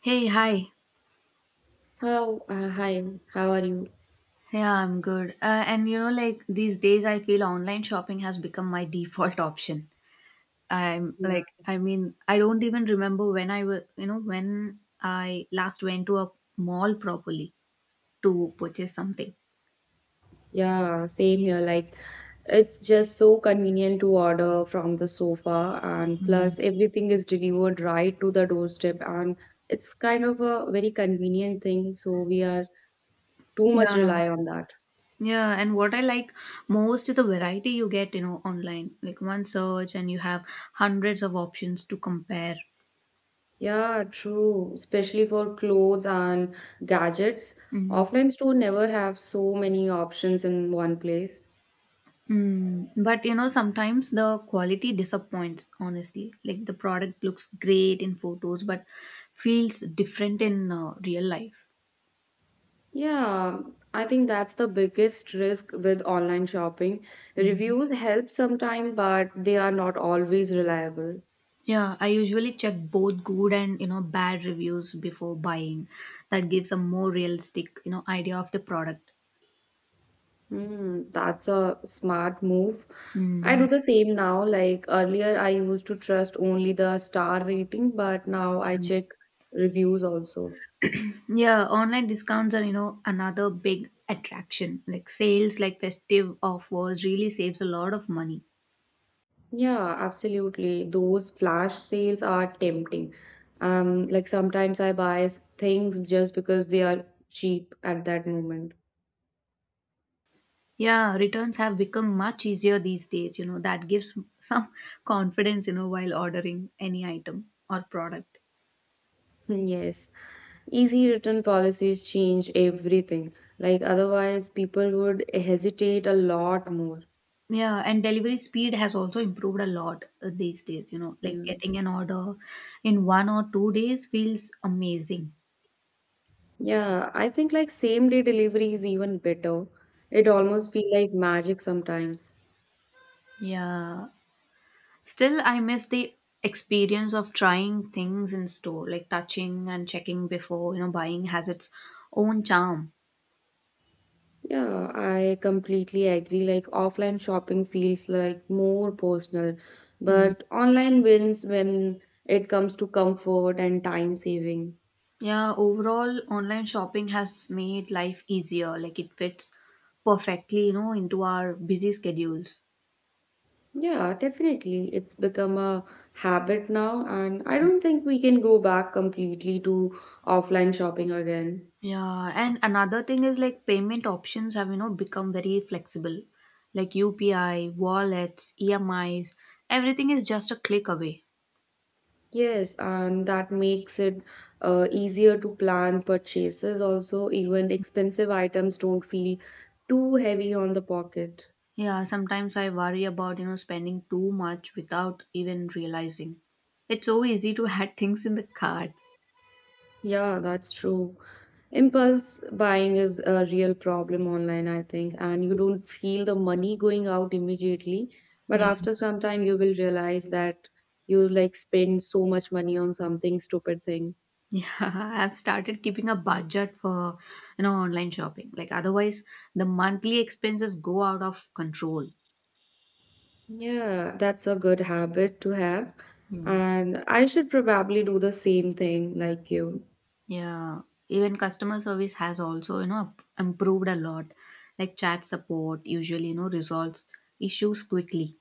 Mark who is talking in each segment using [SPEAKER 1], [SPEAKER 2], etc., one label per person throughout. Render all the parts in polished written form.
[SPEAKER 1] Hey, hi.
[SPEAKER 2] How hi, how are you?
[SPEAKER 1] Yeah, I'm good. And like these days, I feel online shopping has become my default option. I'm
[SPEAKER 2] Yeah,
[SPEAKER 1] like, I mean, I don't even remember when I was, you know, when I last went to a mall properly to purchase something.
[SPEAKER 2] yeah, same here. Like, it's just so convenient to order from the sofa, and
[SPEAKER 1] Mhm.
[SPEAKER 2] plus everything is delivered right to the doorstep, and it's kind of a very convenient thing. So we are too much
[SPEAKER 1] Yeah.
[SPEAKER 2] rely on that.
[SPEAKER 1] Yeah, and what I like most is the variety you get, online. Like one search, and you have hundreds of options to compare.
[SPEAKER 2] Yeah, true. Especially for clothes and gadgets. Offline store never have so many options in one place.
[SPEAKER 1] But sometimes the quality disappoints, honestly. Like the product looks great in photos, but feels different in real life.
[SPEAKER 2] Yeah, I think that's the biggest risk with online shopping.
[SPEAKER 1] Mm.
[SPEAKER 2] Reviews help sometimes, but they are not always reliable.
[SPEAKER 1] Yeah, I usually check both good and bad reviews before buying. That gives a more realistic idea of the product.
[SPEAKER 2] Hmm, that's a smart move. I
[SPEAKER 1] Mm.
[SPEAKER 2] do the same now. Like earlier, I used to trust only the star rating, but now I check reviews also.
[SPEAKER 1] Yeah, online discounts are another big attraction. Like sales, like festive offers, really saves a lot of money.
[SPEAKER 2] Yeah, absolutely. Those flash sales are tempting. Like sometimes I buy things just because they are cheap at that moment.
[SPEAKER 1] Yeah, returns have become much easier these days, that gives some confidence, while ordering any item or product.
[SPEAKER 2] Yes. Easy written policies change everything. Like otherwise, people would hesitate a lot more.
[SPEAKER 1] Yeah, and delivery speed has also improved a lot these days, like
[SPEAKER 2] Yeah.
[SPEAKER 1] getting an order in 1 or 2 days feels amazing.
[SPEAKER 2] Yeah, I think like same day delivery is even better. It almost feel like magic sometimes.
[SPEAKER 1] Yeah. Still, I miss the experience of trying things in store, like touching and checking before, buying has its own charm.
[SPEAKER 2] Yeah, I completely agree. Like offline shopping feels like more personal, but online wins when it comes to comfort and time saving.
[SPEAKER 1] Yeah, overall, online shopping has made life easier. Like it fits perfectly, into our busy schedules.
[SPEAKER 2] Yeah, definitely. It's become a habit now, and I don't think we can go back completely to offline shopping again.
[SPEAKER 1] Yeah, and another thing is like payment options have, become very flexible. Like UPI, wallets, EMIs, everything is just a click away.
[SPEAKER 2] Yes, and that makes it easier to plan purchases also. Even expensive items don't feel too heavy on the pocket.
[SPEAKER 1] Yeah, sometimes I worry about, spending too much without even realizing. It's so easy to add things in the cart.
[SPEAKER 2] Yeah, that's true. Impulse buying is a real problem online, I think, and you don't feel the money going out immediately, but
[SPEAKER 1] Yeah.
[SPEAKER 2] after some time you will realize that you like spend so much money on something stupid thing.
[SPEAKER 1] Yeah, I've started keeping a budget for, online shopping. Like otherwise, the monthly expenses go out of control.
[SPEAKER 2] Yeah, that's a good habit to have,
[SPEAKER 1] Mm.
[SPEAKER 2] and I should probably do the same thing like you.
[SPEAKER 1] Yeah, even customer service has also, improved a lot. Like chat support usually, resolves issues quickly.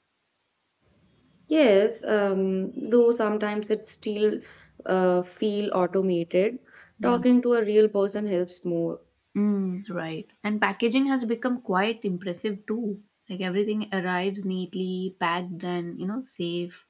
[SPEAKER 2] Yes, though sometimes it still feel automated.
[SPEAKER 1] Yeah.
[SPEAKER 2] Talking to a real person helps more.
[SPEAKER 1] Mm. Right. And packaging has become quite impressive too. Like everything arrives neatly, packed and, safe.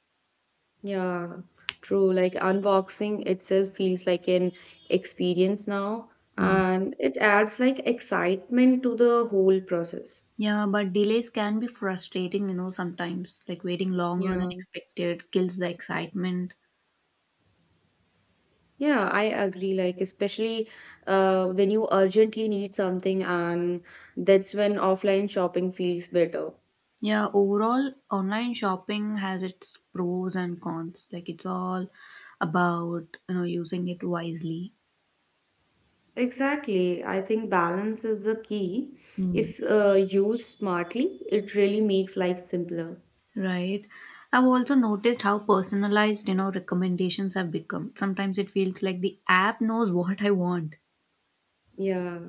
[SPEAKER 2] Yeah, true. Like unboxing itself feels like an experience now, and it adds like excitement to the whole process.
[SPEAKER 1] Yeah, but delays can be frustrating, sometimes. Like waiting longer than
[SPEAKER 2] Yeah,
[SPEAKER 1] expected kills the excitement.
[SPEAKER 2] yeah, I agree. Like, especially when you urgently need something, and that's when offline shopping feels better.
[SPEAKER 1] Yeah, overall, online shopping has its pros and cons. Like it's all about, using it wisely.
[SPEAKER 2] Exactly. I think balance is the key.
[SPEAKER 1] Hmm.
[SPEAKER 2] If used smartly, it really makes life simpler.
[SPEAKER 1] Right. I've also noticed how personalized, recommendations have become. Sometimes it feels like the app knows what I want.
[SPEAKER 2] Yeah.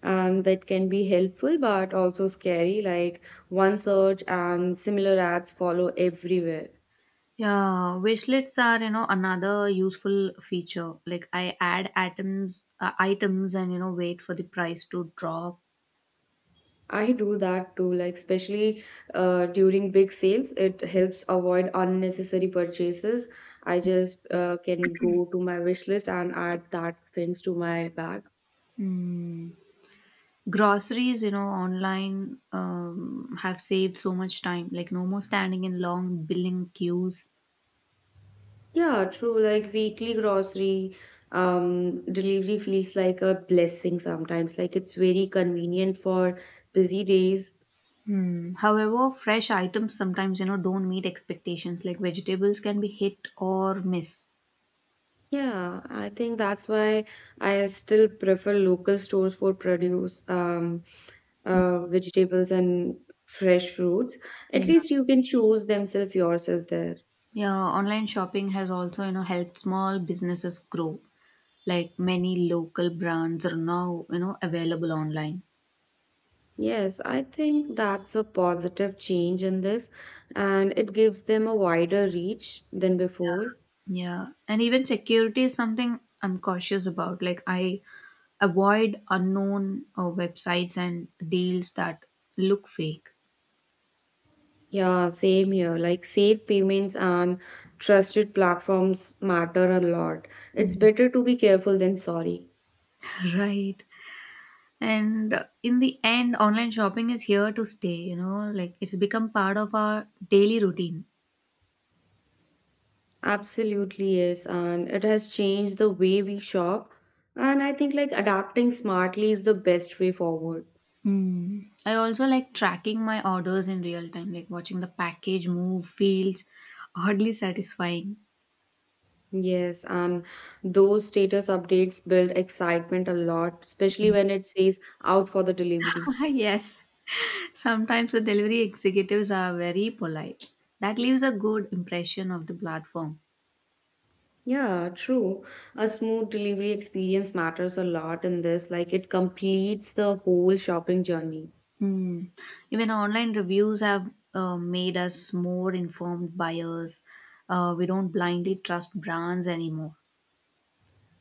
[SPEAKER 2] And that can be helpful but also scary, like one search and similar ads follow everywhere.
[SPEAKER 1] Yeah, wish lists are, another useful feature. Like I add items, and wait for the price to drop.
[SPEAKER 2] I do that too, like especially during big sales it helps avoid unnecessary purchases. I just can go to my wish list and add that things to my bag.
[SPEAKER 1] Mm. Groceries, online have saved so much time. Like no more standing in long billing queues.
[SPEAKER 2] Yeah, true. Like weekly grocery delivery feels like a blessing sometimes, like it's very convenient for busy days.
[SPEAKER 1] Hmm. However, fresh items sometimes, don't meet expectations. Like vegetables can be hit or miss.
[SPEAKER 2] Yeah, I think that's why I still prefer local stores for produce, vegetables and fresh fruits. At
[SPEAKER 1] Yeah.
[SPEAKER 2] least you can choose themselves yourself there.
[SPEAKER 1] Yeah, online shopping has also, helped small businesses grow. Like many local brands are now available online.
[SPEAKER 2] Yes, I think that's a positive change in this, and it gives them a wider reach than before.
[SPEAKER 1] Yeah, and even security is something I'm cautious about. Like I avoid unknown websites and deals that look fake.
[SPEAKER 2] Yeah, same here. Like safe payments and trusted platforms matter a lot. It's
[SPEAKER 1] Mhm.
[SPEAKER 2] better to be careful than sorry.
[SPEAKER 1] Right. And in the end, online shopping is here to stay. Like it's become part of our daily routine.
[SPEAKER 2] Absolutely, yes. And it has changed the way we shop. And I think like adapting smartly is the best way forward.
[SPEAKER 1] Mm. I also like tracking my orders in real time, like watching the package move feels oddly satisfying.
[SPEAKER 2] Yes, and those status updates build excitement a lot, especially when it says out for the delivery.
[SPEAKER 1] Yes. Sometimes the delivery executives are very polite. That leaves a good impression of the platform.
[SPEAKER 2] Yeah, true. A smooth delivery experience matters a lot in this, like it completes the whole shopping journey.
[SPEAKER 1] Hmm. Even online reviews have made us more informed buyers. We don't blindly trust brands anymore.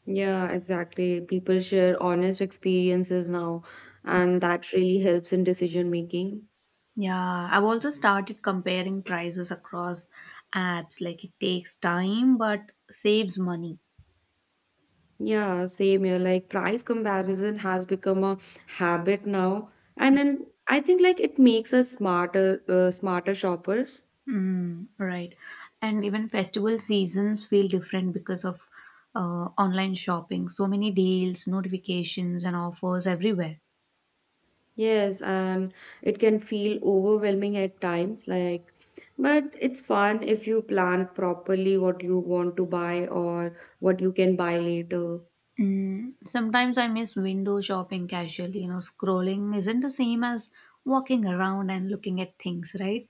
[SPEAKER 2] Yeah, exactly. People share honest experiences now, and that really helps in decision making.
[SPEAKER 1] Yeah, I've also started comparing prices across apps. Like it takes time but saves money.
[SPEAKER 2] Yeah, same here. Like price comparison has become a habit now, and then I think like it makes us smarter, smarter shoppers.
[SPEAKER 1] Mm. Right. And even festival seasons feel different because of online shopping. So many deals, notifications, and offers everywhere.
[SPEAKER 2] Yes, and it can feel overwhelming at times, like, but it's fun if you plan properly what you want to buy or what you can buy later.
[SPEAKER 1] Sometimes I miss window shopping casually. Scrolling isn't the same as walking around and looking at things, right?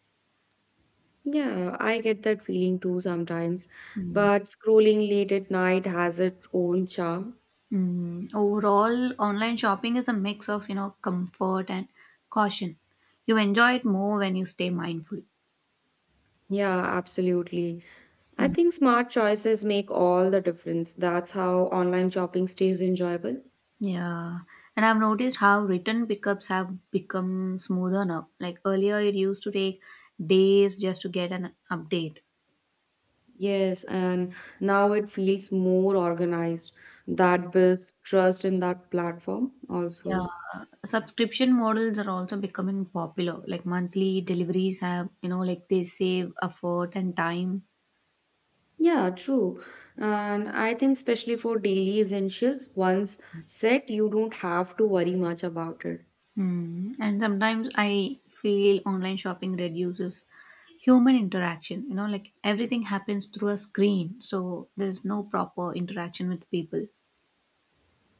[SPEAKER 2] Yeah, I get that feeling too sometimes, but scrolling late at night has its own charm.
[SPEAKER 1] Overall, online shopping is a mix of, comfort and caution. You enjoy it more when you stay mindful.
[SPEAKER 2] Yeah, absolutely. I think smart choices make all the difference. That's how online shopping stays enjoyable.
[SPEAKER 1] Yeah, and I've noticed how written pickups have become smoother now. Like earlier, it used to take days just to get an update.
[SPEAKER 2] Yes, and now it feels more organized. That builds trust in that platform
[SPEAKER 1] Yeah,
[SPEAKER 2] also.
[SPEAKER 1] subscription models are also becoming popular. Like monthly deliveries have, like they save effort and time.
[SPEAKER 2] Yeah, true. And I think especially for daily essentials, once set, you don't have to worry much about it.
[SPEAKER 1] Hmm. And sometimes I feel online shopping reduces human interaction. Like everything happens through a screen, so there's no proper interaction with people.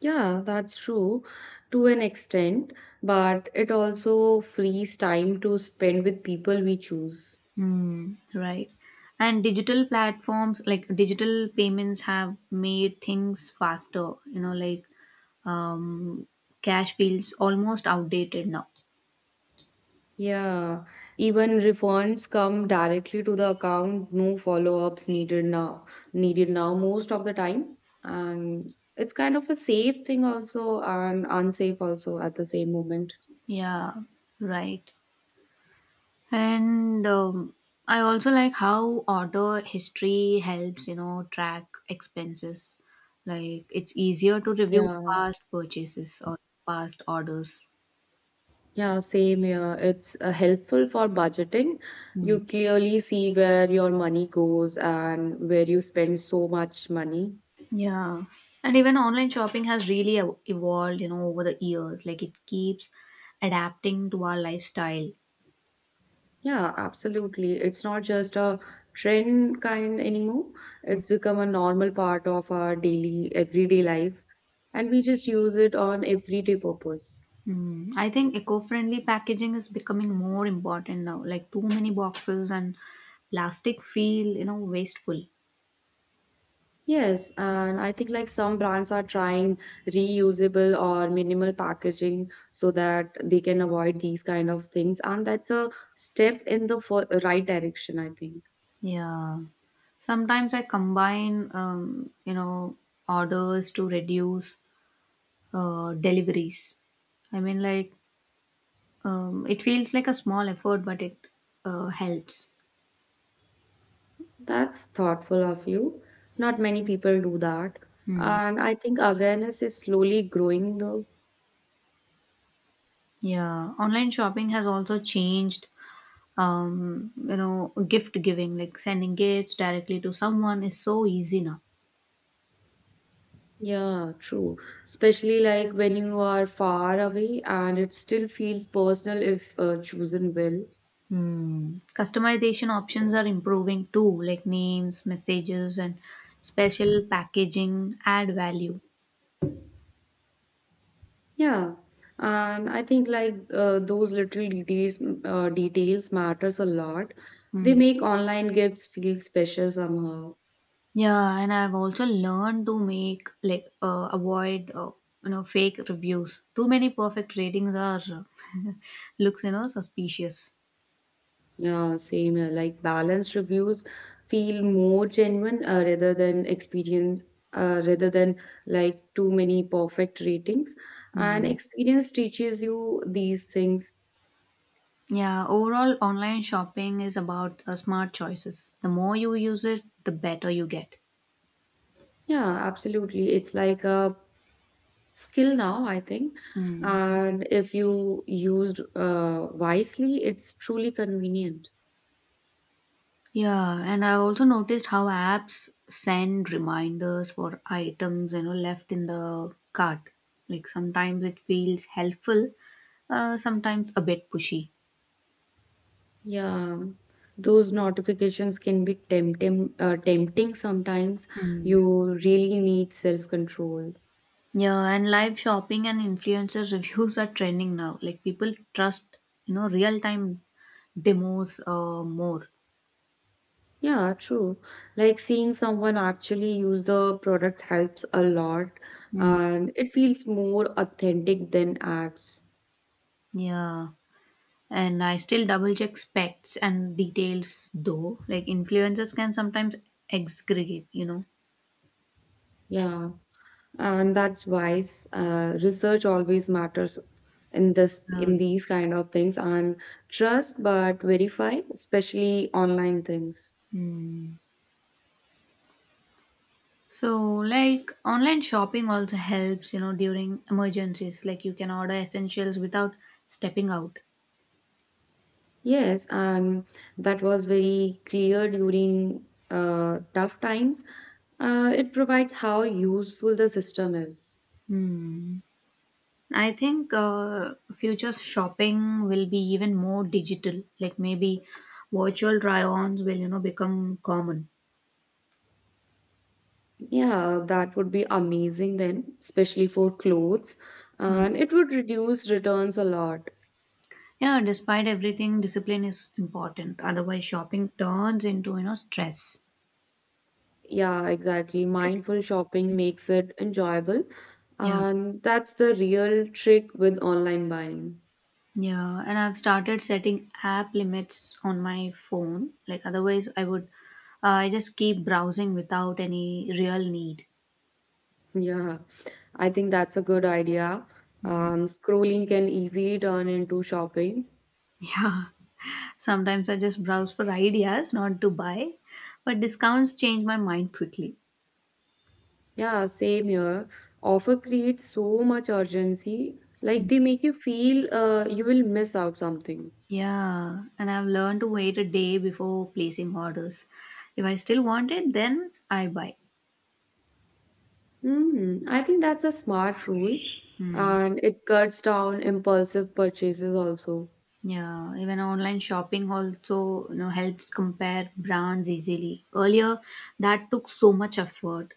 [SPEAKER 2] Yeah, that's true to an extent, but it also frees time to spend with people we choose.
[SPEAKER 1] Hmm, right. And digital platforms, like digital payments, have made things faster. Like um, cash feels almost outdated now.
[SPEAKER 2] Yeah, even refunds come directly to the account, no follow-ups needed now most of the time. And it's kind of a safe thing also and unsafe also at the same moment.
[SPEAKER 1] Yeah, right. And I also like how order history helps, track expenses. Like it's easier to review
[SPEAKER 2] Yeah,
[SPEAKER 1] past purchases or past orders.
[SPEAKER 2] yeah, same here. It's helpful for budgeting.
[SPEAKER 1] Hmm.
[SPEAKER 2] You clearly see where your money goes and where you spend so much money.
[SPEAKER 1] Yeah. And even online shopping has really evolved, over the years. Like it keeps adapting to our lifestyle.
[SPEAKER 2] Yeah, absolutely. It's not just a trend kind anymore. It's become a normal part of our daily, everyday life, and we just use it on everyday purpose.
[SPEAKER 1] Mm. I think eco friendly packaging is becoming more important now. Like too many boxes and plastic feel, wasteful.
[SPEAKER 2] Yes, and I think like some brands are trying reusable or minimal packaging so that they can avoid these kind of things, and that's a step in the right direction, I think.
[SPEAKER 1] Yeah. Sometimes I combine, orders to reduce deliveries. I mean, like, it feels like a small effort, but it helps.
[SPEAKER 2] That's thoughtful of you. Not many people do that.
[SPEAKER 1] Hmm.
[SPEAKER 2] And I think awareness is slowly growing though.
[SPEAKER 1] Yeah, online shopping has also changed, gift giving, like sending gifts directly to someone is so easy now.
[SPEAKER 2] Yeah, true. Especially like when you are far away and it still feels personal if chosen well.
[SPEAKER 1] Hmm. Customization options are improving too, like names, messages, and special packaging add value.
[SPEAKER 2] Yeah. And I think like those little details matters a lot. They
[SPEAKER 1] Hmm.
[SPEAKER 2] make online gifts feel special somehow.
[SPEAKER 1] Yeah, and I've also learned to make like avoid fake reviews. Too many perfect ratings are looks suspicious.
[SPEAKER 2] Yeah, same here. Like balanced reviews feel more genuine rather than like too many perfect ratings. And
[SPEAKER 1] Hmm.
[SPEAKER 2] experience teaches you these things.
[SPEAKER 1] Yeah, overall, online shopping is about smart choices. The more you use it, the better you get.
[SPEAKER 2] Yeah, absolutely. It's like a skill now, I think.
[SPEAKER 1] Mm.
[SPEAKER 2] And if you used wisely, it's truly convenient.
[SPEAKER 1] Yeah, and I also noticed how apps send reminders for items left in the cart. Like sometimes it feels helpful, sometimes a bit pushy.
[SPEAKER 2] Yeah, those notifications can be tempting, tempting sometimes.
[SPEAKER 1] Mm.
[SPEAKER 2] You really need self-control.
[SPEAKER 1] Yeah, and live shopping and influencer reviews are trending now. Like people trust real time demos more.
[SPEAKER 2] Yeah, true. Like seeing someone actually use the product helps a lot,
[SPEAKER 1] Mm.
[SPEAKER 2] and it feels more authentic than ads.
[SPEAKER 1] Yeah. And I still double check specs and details though. Like influencers can sometimes excrete.
[SPEAKER 2] Yeah. And that's why research always matters in this
[SPEAKER 1] Uh,
[SPEAKER 2] in these kind of things, and trust but verify, especially online things.
[SPEAKER 1] mm. So like online shopping also helps, during emergencies. Like you can order essentials without stepping out.
[SPEAKER 2] Yes, and that was very clear during tough times. It provides how useful the system is.
[SPEAKER 1] Hmm. I think future shopping will be even more digital. Like maybe virtual try-ons will, become common.
[SPEAKER 2] Yeah, that would be amazing then, especially for clothes,
[SPEAKER 1] Hmm.
[SPEAKER 2] and it would reduce returns a lot.
[SPEAKER 1] Yeah, despite everything, discipline is important. Otherwise, shopping turns into, stress.
[SPEAKER 2] Yeah, exactly. Mindful shopping makes it enjoyable,
[SPEAKER 1] Yeah.
[SPEAKER 2] and that's the real trick with online buying.
[SPEAKER 1] Yeah. And I've started setting app limits on my phone. Like, otherwise, I just keep browsing without any real need.
[SPEAKER 2] Yeah, I think that's a good idea.
[SPEAKER 1] Mm.
[SPEAKER 2] Scrolling can easily turn into shopping.
[SPEAKER 1] Yeah. Sometimes I just browse for ideas, not to buy. But discounts change my mind quickly.
[SPEAKER 2] Yeah, same here. Offer creates so much urgency, like they make you feel you will miss out something.
[SPEAKER 1] Yeah. And I've learned to wait a day before placing orders. If I still want it, then I buy.
[SPEAKER 2] Hmm, I think that's a smart rule,
[SPEAKER 1] Hmm.
[SPEAKER 2] and it cuts down impulsive purchases also.
[SPEAKER 1] Yeah, even online shopping also, helps compare brands easily. Earlier, that took so much effort.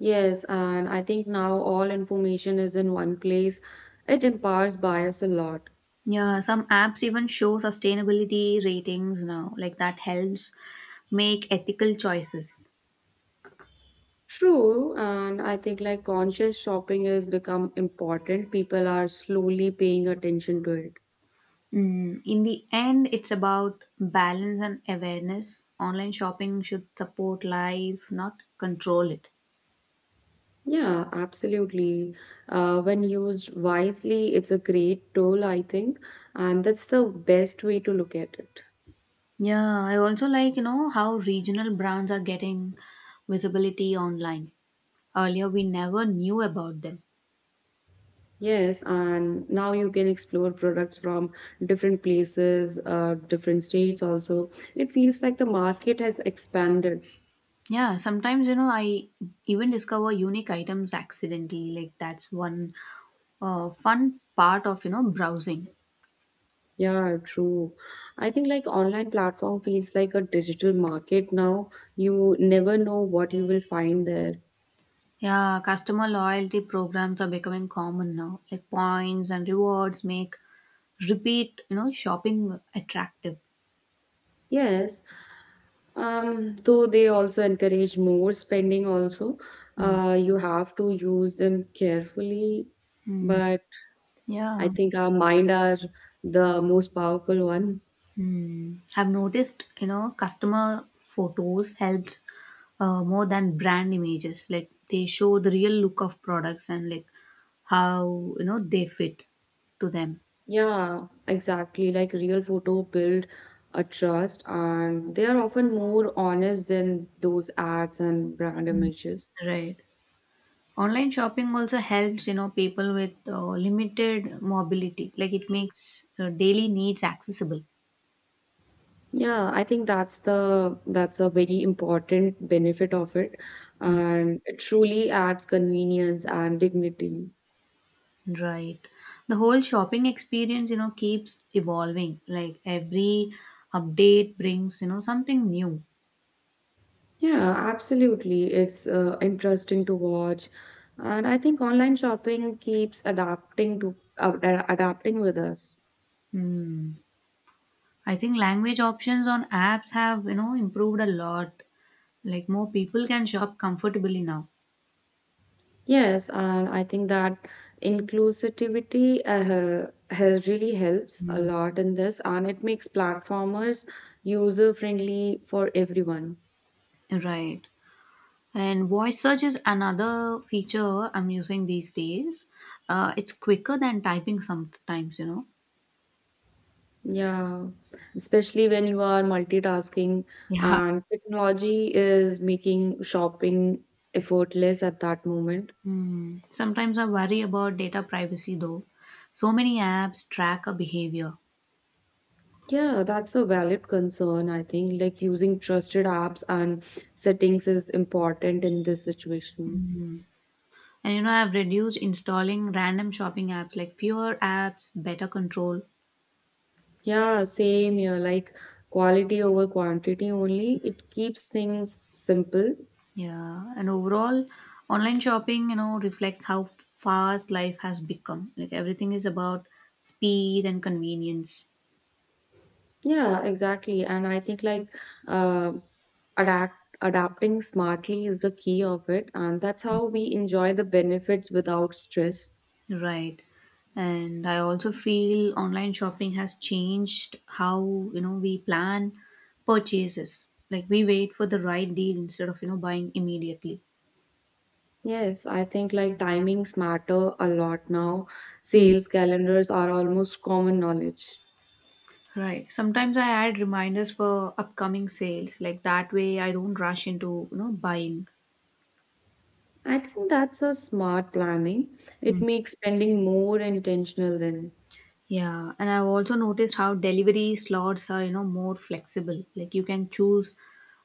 [SPEAKER 2] Yes, and I think now all information is in one place. It empowers buyers a lot.
[SPEAKER 1] Yeah, some apps even show sustainability ratings now. Like that helps make ethical choices.
[SPEAKER 2] True, and I think like conscious shopping has become important. People are slowly paying attention to it.
[SPEAKER 1] In the end, it's about balance and awareness. Online shopping should support life, not control it.
[SPEAKER 2] Yeah, absolutely. When used wisely, it's a great tool, I think, and that's the best way to look at it.
[SPEAKER 1] Yeah, I also like, how regional brands are getting visibility online. Earlier, we never knew about them.
[SPEAKER 2] Yes, and now you can explore products from different places, different states also. It feels like the market has expanded.
[SPEAKER 1] Yeah, sometimes I even discover unique items accidentally. Like that's one fun part of browsing.
[SPEAKER 2] Yeah, true. I think like online platform feels like a digital market now. You never know what you will find there.
[SPEAKER 1] Yeah, customer loyalty programs are becoming common now. Like points and rewards make repeat shopping attractive.
[SPEAKER 2] Yes, though they also encourage more spending also.
[SPEAKER 1] Mm.
[SPEAKER 2] You have to use them carefully,
[SPEAKER 1] Mm.
[SPEAKER 2] but I
[SPEAKER 1] Yeah.
[SPEAKER 2] think our mind are the most powerful one.
[SPEAKER 1] Hmm. I've noticed, customer photos helps more than brand images. Like they show the real look of products and like how they fit to them.
[SPEAKER 2] Yeah, exactly. Like real photo build a trust, and they are often more honest than those ads and brand images.
[SPEAKER 1] Right. Online shopping also helps people with limited mobility. Like it makes daily needs accessible.
[SPEAKER 2] Yeah, I think that's the that's a very important benefit of it, and it truly adds convenience and dignity.
[SPEAKER 1] Right. The whole shopping experience, keeps evolving. Like every update brings, something new.
[SPEAKER 2] Yeah, absolutely. It's interesting to watch, and I think online shopping keeps adapting to adapting with us.
[SPEAKER 1] Hmm. I think language options on apps have, improved a lot. Like more people can shop comfortably now.
[SPEAKER 2] Yes, and I think that inclusivity has really helps a
[SPEAKER 1] Mm.
[SPEAKER 2] lot in this, and it makes platformers user friendly for everyone.
[SPEAKER 1] Right. And voice search is another feature I'm using these days. It's quicker than typing sometimes.
[SPEAKER 2] Yeah, especially when you are multitasking,
[SPEAKER 1] Yeah.
[SPEAKER 2] and technology is making shopping effortless at that moment.
[SPEAKER 1] Hmm. Sometimes I worry about data privacy though. So many apps track our behavior.
[SPEAKER 2] Yeah, that's a valid concern, I think. Like using trusted apps and settings is important in this situation.
[SPEAKER 1] And I've reduced installing random shopping apps like fewer apps, better control.
[SPEAKER 2] Yeah, same here. Like quality over quantity only. It keeps things simple.
[SPEAKER 1] Yeah, and overall, online shopping, reflects how fast life has become. Like everything is about speed and convenience,
[SPEAKER 2] Yeah, exactly. And I think like uh, adapt adapting smartly is the key of it, and that's how we enjoy the benefits without stress.
[SPEAKER 1] right? And I also feel online shopping has changed how, we plan purchases. Like we wait for the right deal instead of, buying immediately.
[SPEAKER 2] Yes, I think like timings matter a lot now.
[SPEAKER 1] Hmm.
[SPEAKER 2] Sales calendars are almost common knowledge.
[SPEAKER 1] Right. Sometimes I add reminders for upcoming sales. Like that way I don't rush into, buying.
[SPEAKER 2] I think that's a smart planning. It makes spending more intentional then.
[SPEAKER 1] Yeah, and I've also noticed how delivery slots are, more flexible. Like you can choose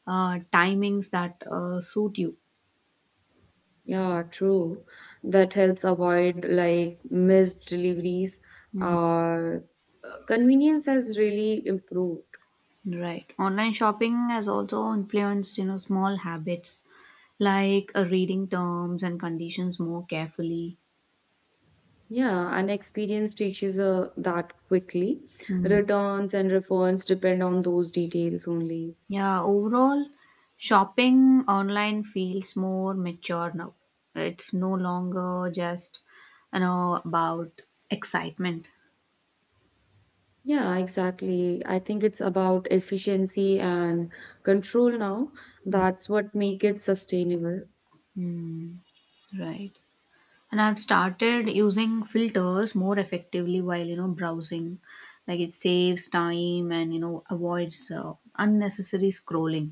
[SPEAKER 1] timings that suit you.
[SPEAKER 2] Yeah, true. That helps avoid like missed deliveries
[SPEAKER 1] Mm.
[SPEAKER 2] or convenience has really improved.
[SPEAKER 1] Right. Online shopping has also influenced, small habits like reading terms and conditions more carefully.
[SPEAKER 2] Yeah, and experience teaches that quickly.
[SPEAKER 1] Mm.
[SPEAKER 2] Returns and refunds depend on those details only.
[SPEAKER 1] Yeah, overall, shopping online feels more mature now. It's no longer just, about excitement.
[SPEAKER 2] Yeah, exactly. I think it's about efficiency and control now. That's what make it sustainable.
[SPEAKER 1] Mm. Right. And I've started using filters more effectively while browsing. Like it saves time and avoids unnecessary scrolling.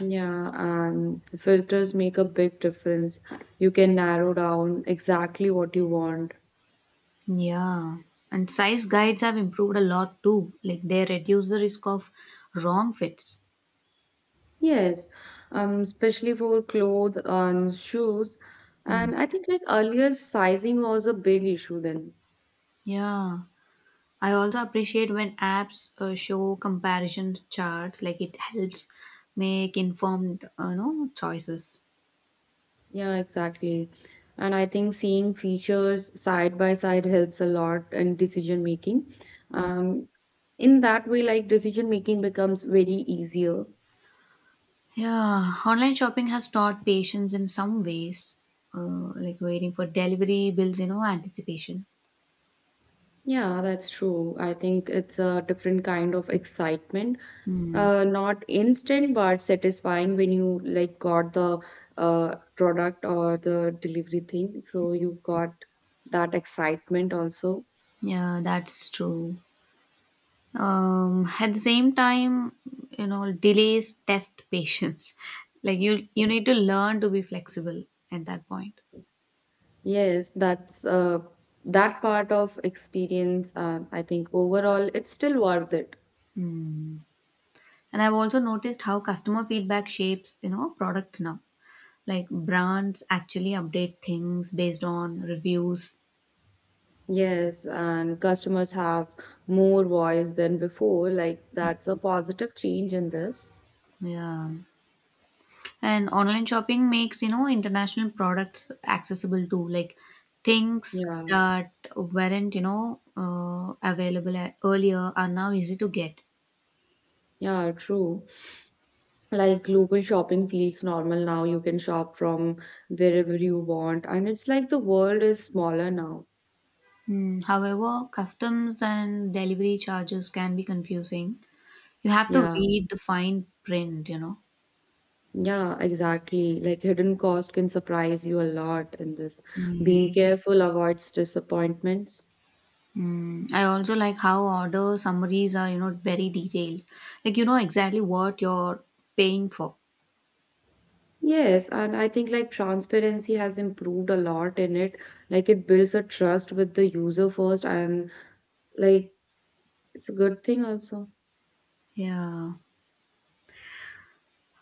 [SPEAKER 2] Yeah, and filters make a big difference. You can narrow down exactly what you want.
[SPEAKER 1] Yeah. And size guides have improved a lot too, like they reduce the risk of wrong fits.
[SPEAKER 2] Yes, especially for clothes and shoes.
[SPEAKER 1] Hmm.
[SPEAKER 2] And I think like earlier sizing was a big issue then.
[SPEAKER 1] Yeah, I also appreciate when apps show comparison charts, like it helps make informed choices.
[SPEAKER 2] Yeah, exactly. And I think seeing features side by side helps a lot in decision making. Um, in that way, like decision making becomes very easier.
[SPEAKER 1] Yeah, online shopping has taught patience in some ways, like waiting for delivery bills, anticipation.
[SPEAKER 2] Yeah, that's true. I think it's a different kind of excitement.
[SPEAKER 1] Hmm.
[SPEAKER 2] Not instant, but satisfying when you like got the product or the delivery thing. So you got that excitement also.
[SPEAKER 1] Yeah, that's true. At the same time, delays test patience. Like you need to learn to be flexible at that point.
[SPEAKER 2] Yes, that's that part of experience. I think overall, it's still worth it.
[SPEAKER 1] Hmm. And I've also noticed how customer feedback shapes, products now. Like brands actually update things based on reviews.
[SPEAKER 2] Yes, and customers have more voice than before. Like that's a positive change in this.
[SPEAKER 1] Yeah. And online shopping makes, international products accessible too, like things
[SPEAKER 2] Yeah,
[SPEAKER 1] that weren't, available earlier are now easy to get.
[SPEAKER 2] yeah, true. Like global shopping feels normal now. You can shop from wherever you want, and it's like the world is smaller now.
[SPEAKER 1] Hmm. However, customs and delivery charges can be confusing. You have to
[SPEAKER 2] Yeah,
[SPEAKER 1] read the fine print.
[SPEAKER 2] yeah, exactly. Like hidden cost can surprise you a lot in this.
[SPEAKER 1] Mm,
[SPEAKER 2] Being careful avoids disappointments.
[SPEAKER 1] mm. I also like how order summaries are, very detailed. Like you know exactly what you're paying for.
[SPEAKER 2] Yes, and I think like transparency has improved a lot in it. Like it builds a trust with the user first, and like it's a good thing also.
[SPEAKER 1] Yeah.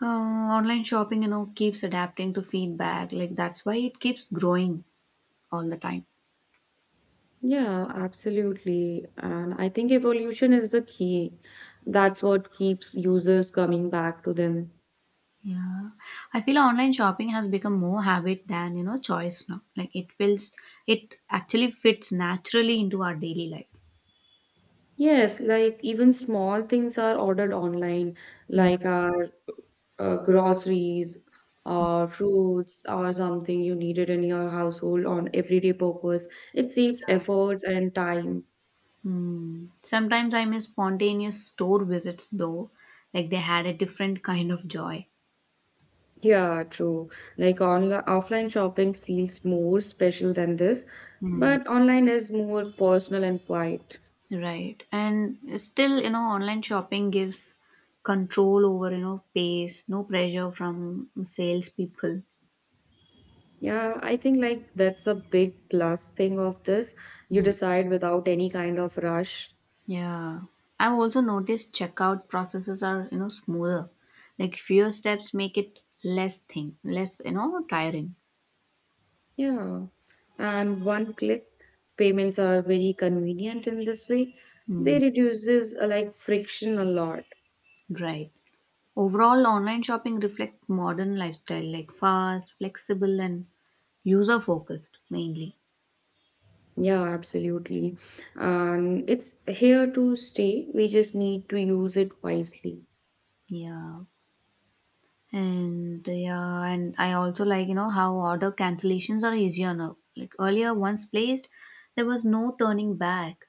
[SPEAKER 1] Uh, online shopping, keeps adapting to feedback. Like that's why it keeps growing all the time.
[SPEAKER 2] Yeah, absolutely. And I think evolution is the key. That's what keeps users coming back to them.
[SPEAKER 1] Yeah, I feel online shopping has become more habit than choice now. Like it feels, it actually fits naturally into our daily life.
[SPEAKER 2] Yes, like even small things are ordered online,
[SPEAKER 1] Mm.
[SPEAKER 2] like our groceries or fruits or something you needed in your household on everyday purpose. It saves efforts and time.
[SPEAKER 1] Mm. Sometimes I miss spontaneous store visits though, like they had a different kind of joy.
[SPEAKER 2] Yeah, true. Like online offline shopping feels more special than this,
[SPEAKER 1] Hmm.
[SPEAKER 2] but online is more personal and quiet.
[SPEAKER 1] Right. And still, online shopping gives control over, pace, no pressure from salespeople.
[SPEAKER 2] Yeah, I think like that's a big plus thing of this. You
[SPEAKER 1] Mm.
[SPEAKER 2] decide without any kind of rush.
[SPEAKER 1] Yeah. I've also noticed checkout processes are, smoother. Like fewer steps make it less thing, less, tiring.
[SPEAKER 2] Yeah. And one click payments are very convenient in this way. They
[SPEAKER 1] Mm,
[SPEAKER 2] reduces like friction a lot.
[SPEAKER 1] right. Overall, online shopping reflects modern lifestyle, like fast, flexible, and user focused mainly.
[SPEAKER 2] Yeah, absolutely. And it's here to stay. We just need to use it wisely.
[SPEAKER 1] Yeah. And yeah, and I also like, how order cancellations are easier now. Like earlier, once placed, there was no turning back.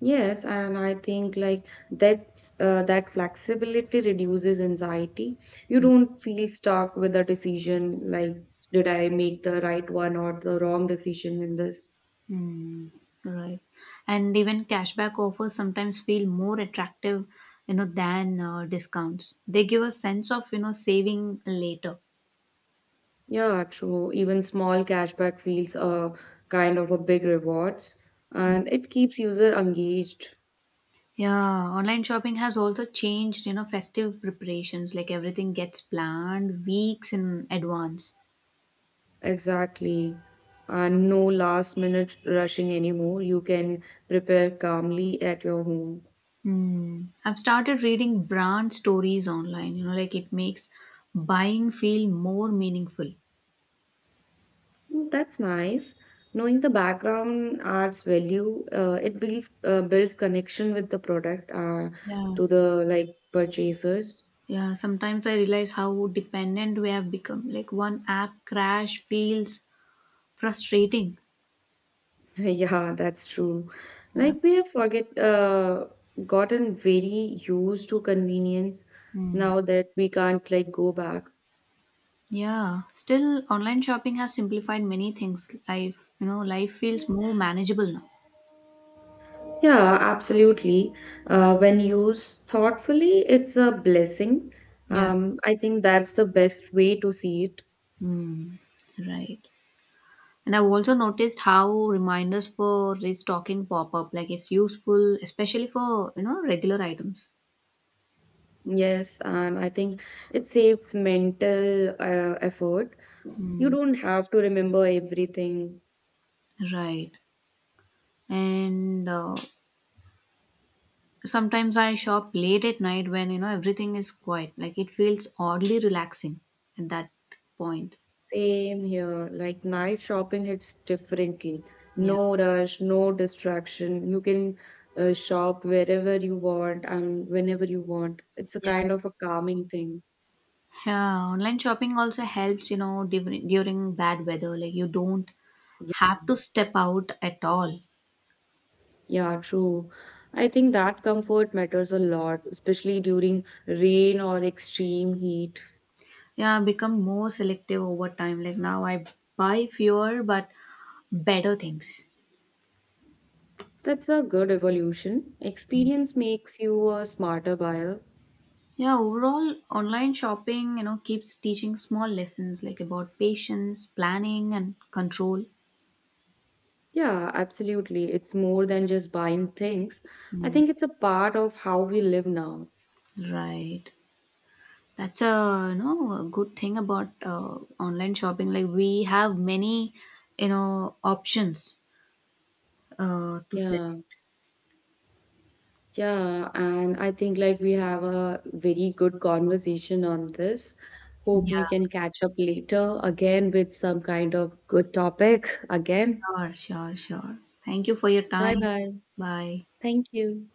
[SPEAKER 2] Yes, and I think like that's that flexibility reduces anxiety. You don't feel stuck with a decision like, did I make the right one or the wrong decision in this?
[SPEAKER 1] Hmm. Right. And even cashback offers sometimes feel more attractive, than discounts. They give a sense of, saving later.
[SPEAKER 2] Yeah, true. Even small cashback feels a kind of a big rewards, and it keeps user engaged.
[SPEAKER 1] Yeah, online shopping has also changed, festive preparations. Like everything gets planned weeks in advance.
[SPEAKER 2] Exactly. And no last minute rushing anymore. You can prepare calmly at your home.
[SPEAKER 1] Hmm. I've started reading brand stories online, like it makes buying feel more meaningful.
[SPEAKER 2] Mm, that's nice. Knowing the background art's value, it builds builds connection with the product
[SPEAKER 1] Yeah.
[SPEAKER 2] to the like purchasers.
[SPEAKER 1] Yeah. Sometimes I realize how dependent we have become. Like one app crash feels frustrating.
[SPEAKER 2] Yeah, that's true.
[SPEAKER 1] Yeah.
[SPEAKER 2] Like we have forget gotten very used to convenience
[SPEAKER 1] Hmm.
[SPEAKER 2] now that we can't like go back.
[SPEAKER 1] Yeah. Still, online shopping has simplified many things. Life, life feels more manageable now.
[SPEAKER 2] Yeah, absolutely. When used thoughtfully, it's a blessing.
[SPEAKER 1] Yeah.
[SPEAKER 2] I think that's the best way to see it.
[SPEAKER 1] Hmm. Right. And I've also noticed how reminders for restocking pop up. Like it's useful, especially for regular items.
[SPEAKER 2] Yes, and I think it saves mental effort. You
[SPEAKER 1] Mm,
[SPEAKER 2] don't have to remember everything.
[SPEAKER 1] right. And sometimes I shop late at night when everything is quiet. Like it feels oddly relaxing at that point.
[SPEAKER 2] Same here. Like night shopping hits differently.
[SPEAKER 1] Yeah.
[SPEAKER 2] No rush, no distraction. You can shop wherever you want and whenever you want. It's a
[SPEAKER 1] Yeah.
[SPEAKER 2] kind of a calming thing.
[SPEAKER 1] Yeah, online shopping also helps, during bad weather. Like you don't have to step out at all.
[SPEAKER 2] Yeah, true. I think that comfort matters a lot, especially during rain or extreme heat.
[SPEAKER 1] Yeah, I've become more selective over time. Like now I buy fewer, but better things.
[SPEAKER 2] That's a good evolution. Experience makes you a smarter buyer.
[SPEAKER 1] Yeah, overall, online shopping, keeps teaching small lessons like about patience, planning, and control.
[SPEAKER 2] Yeah, absolutely. It's more than just buying things. I
[SPEAKER 1] Mm,
[SPEAKER 2] think it's a part of how we live now.
[SPEAKER 1] right. That's a a good thing about online shopping. Like we have many, options to select.
[SPEAKER 2] Yeah, yeah. And I think like we have a very good conversation on this. Hope we
[SPEAKER 1] Yeah.
[SPEAKER 2] can catch up later again with some kind of good topic again.
[SPEAKER 1] Sure. Sure. Sure. Thank you for your
[SPEAKER 2] Bye
[SPEAKER 1] time.
[SPEAKER 2] bye.
[SPEAKER 1] Bye.
[SPEAKER 2] Thank you.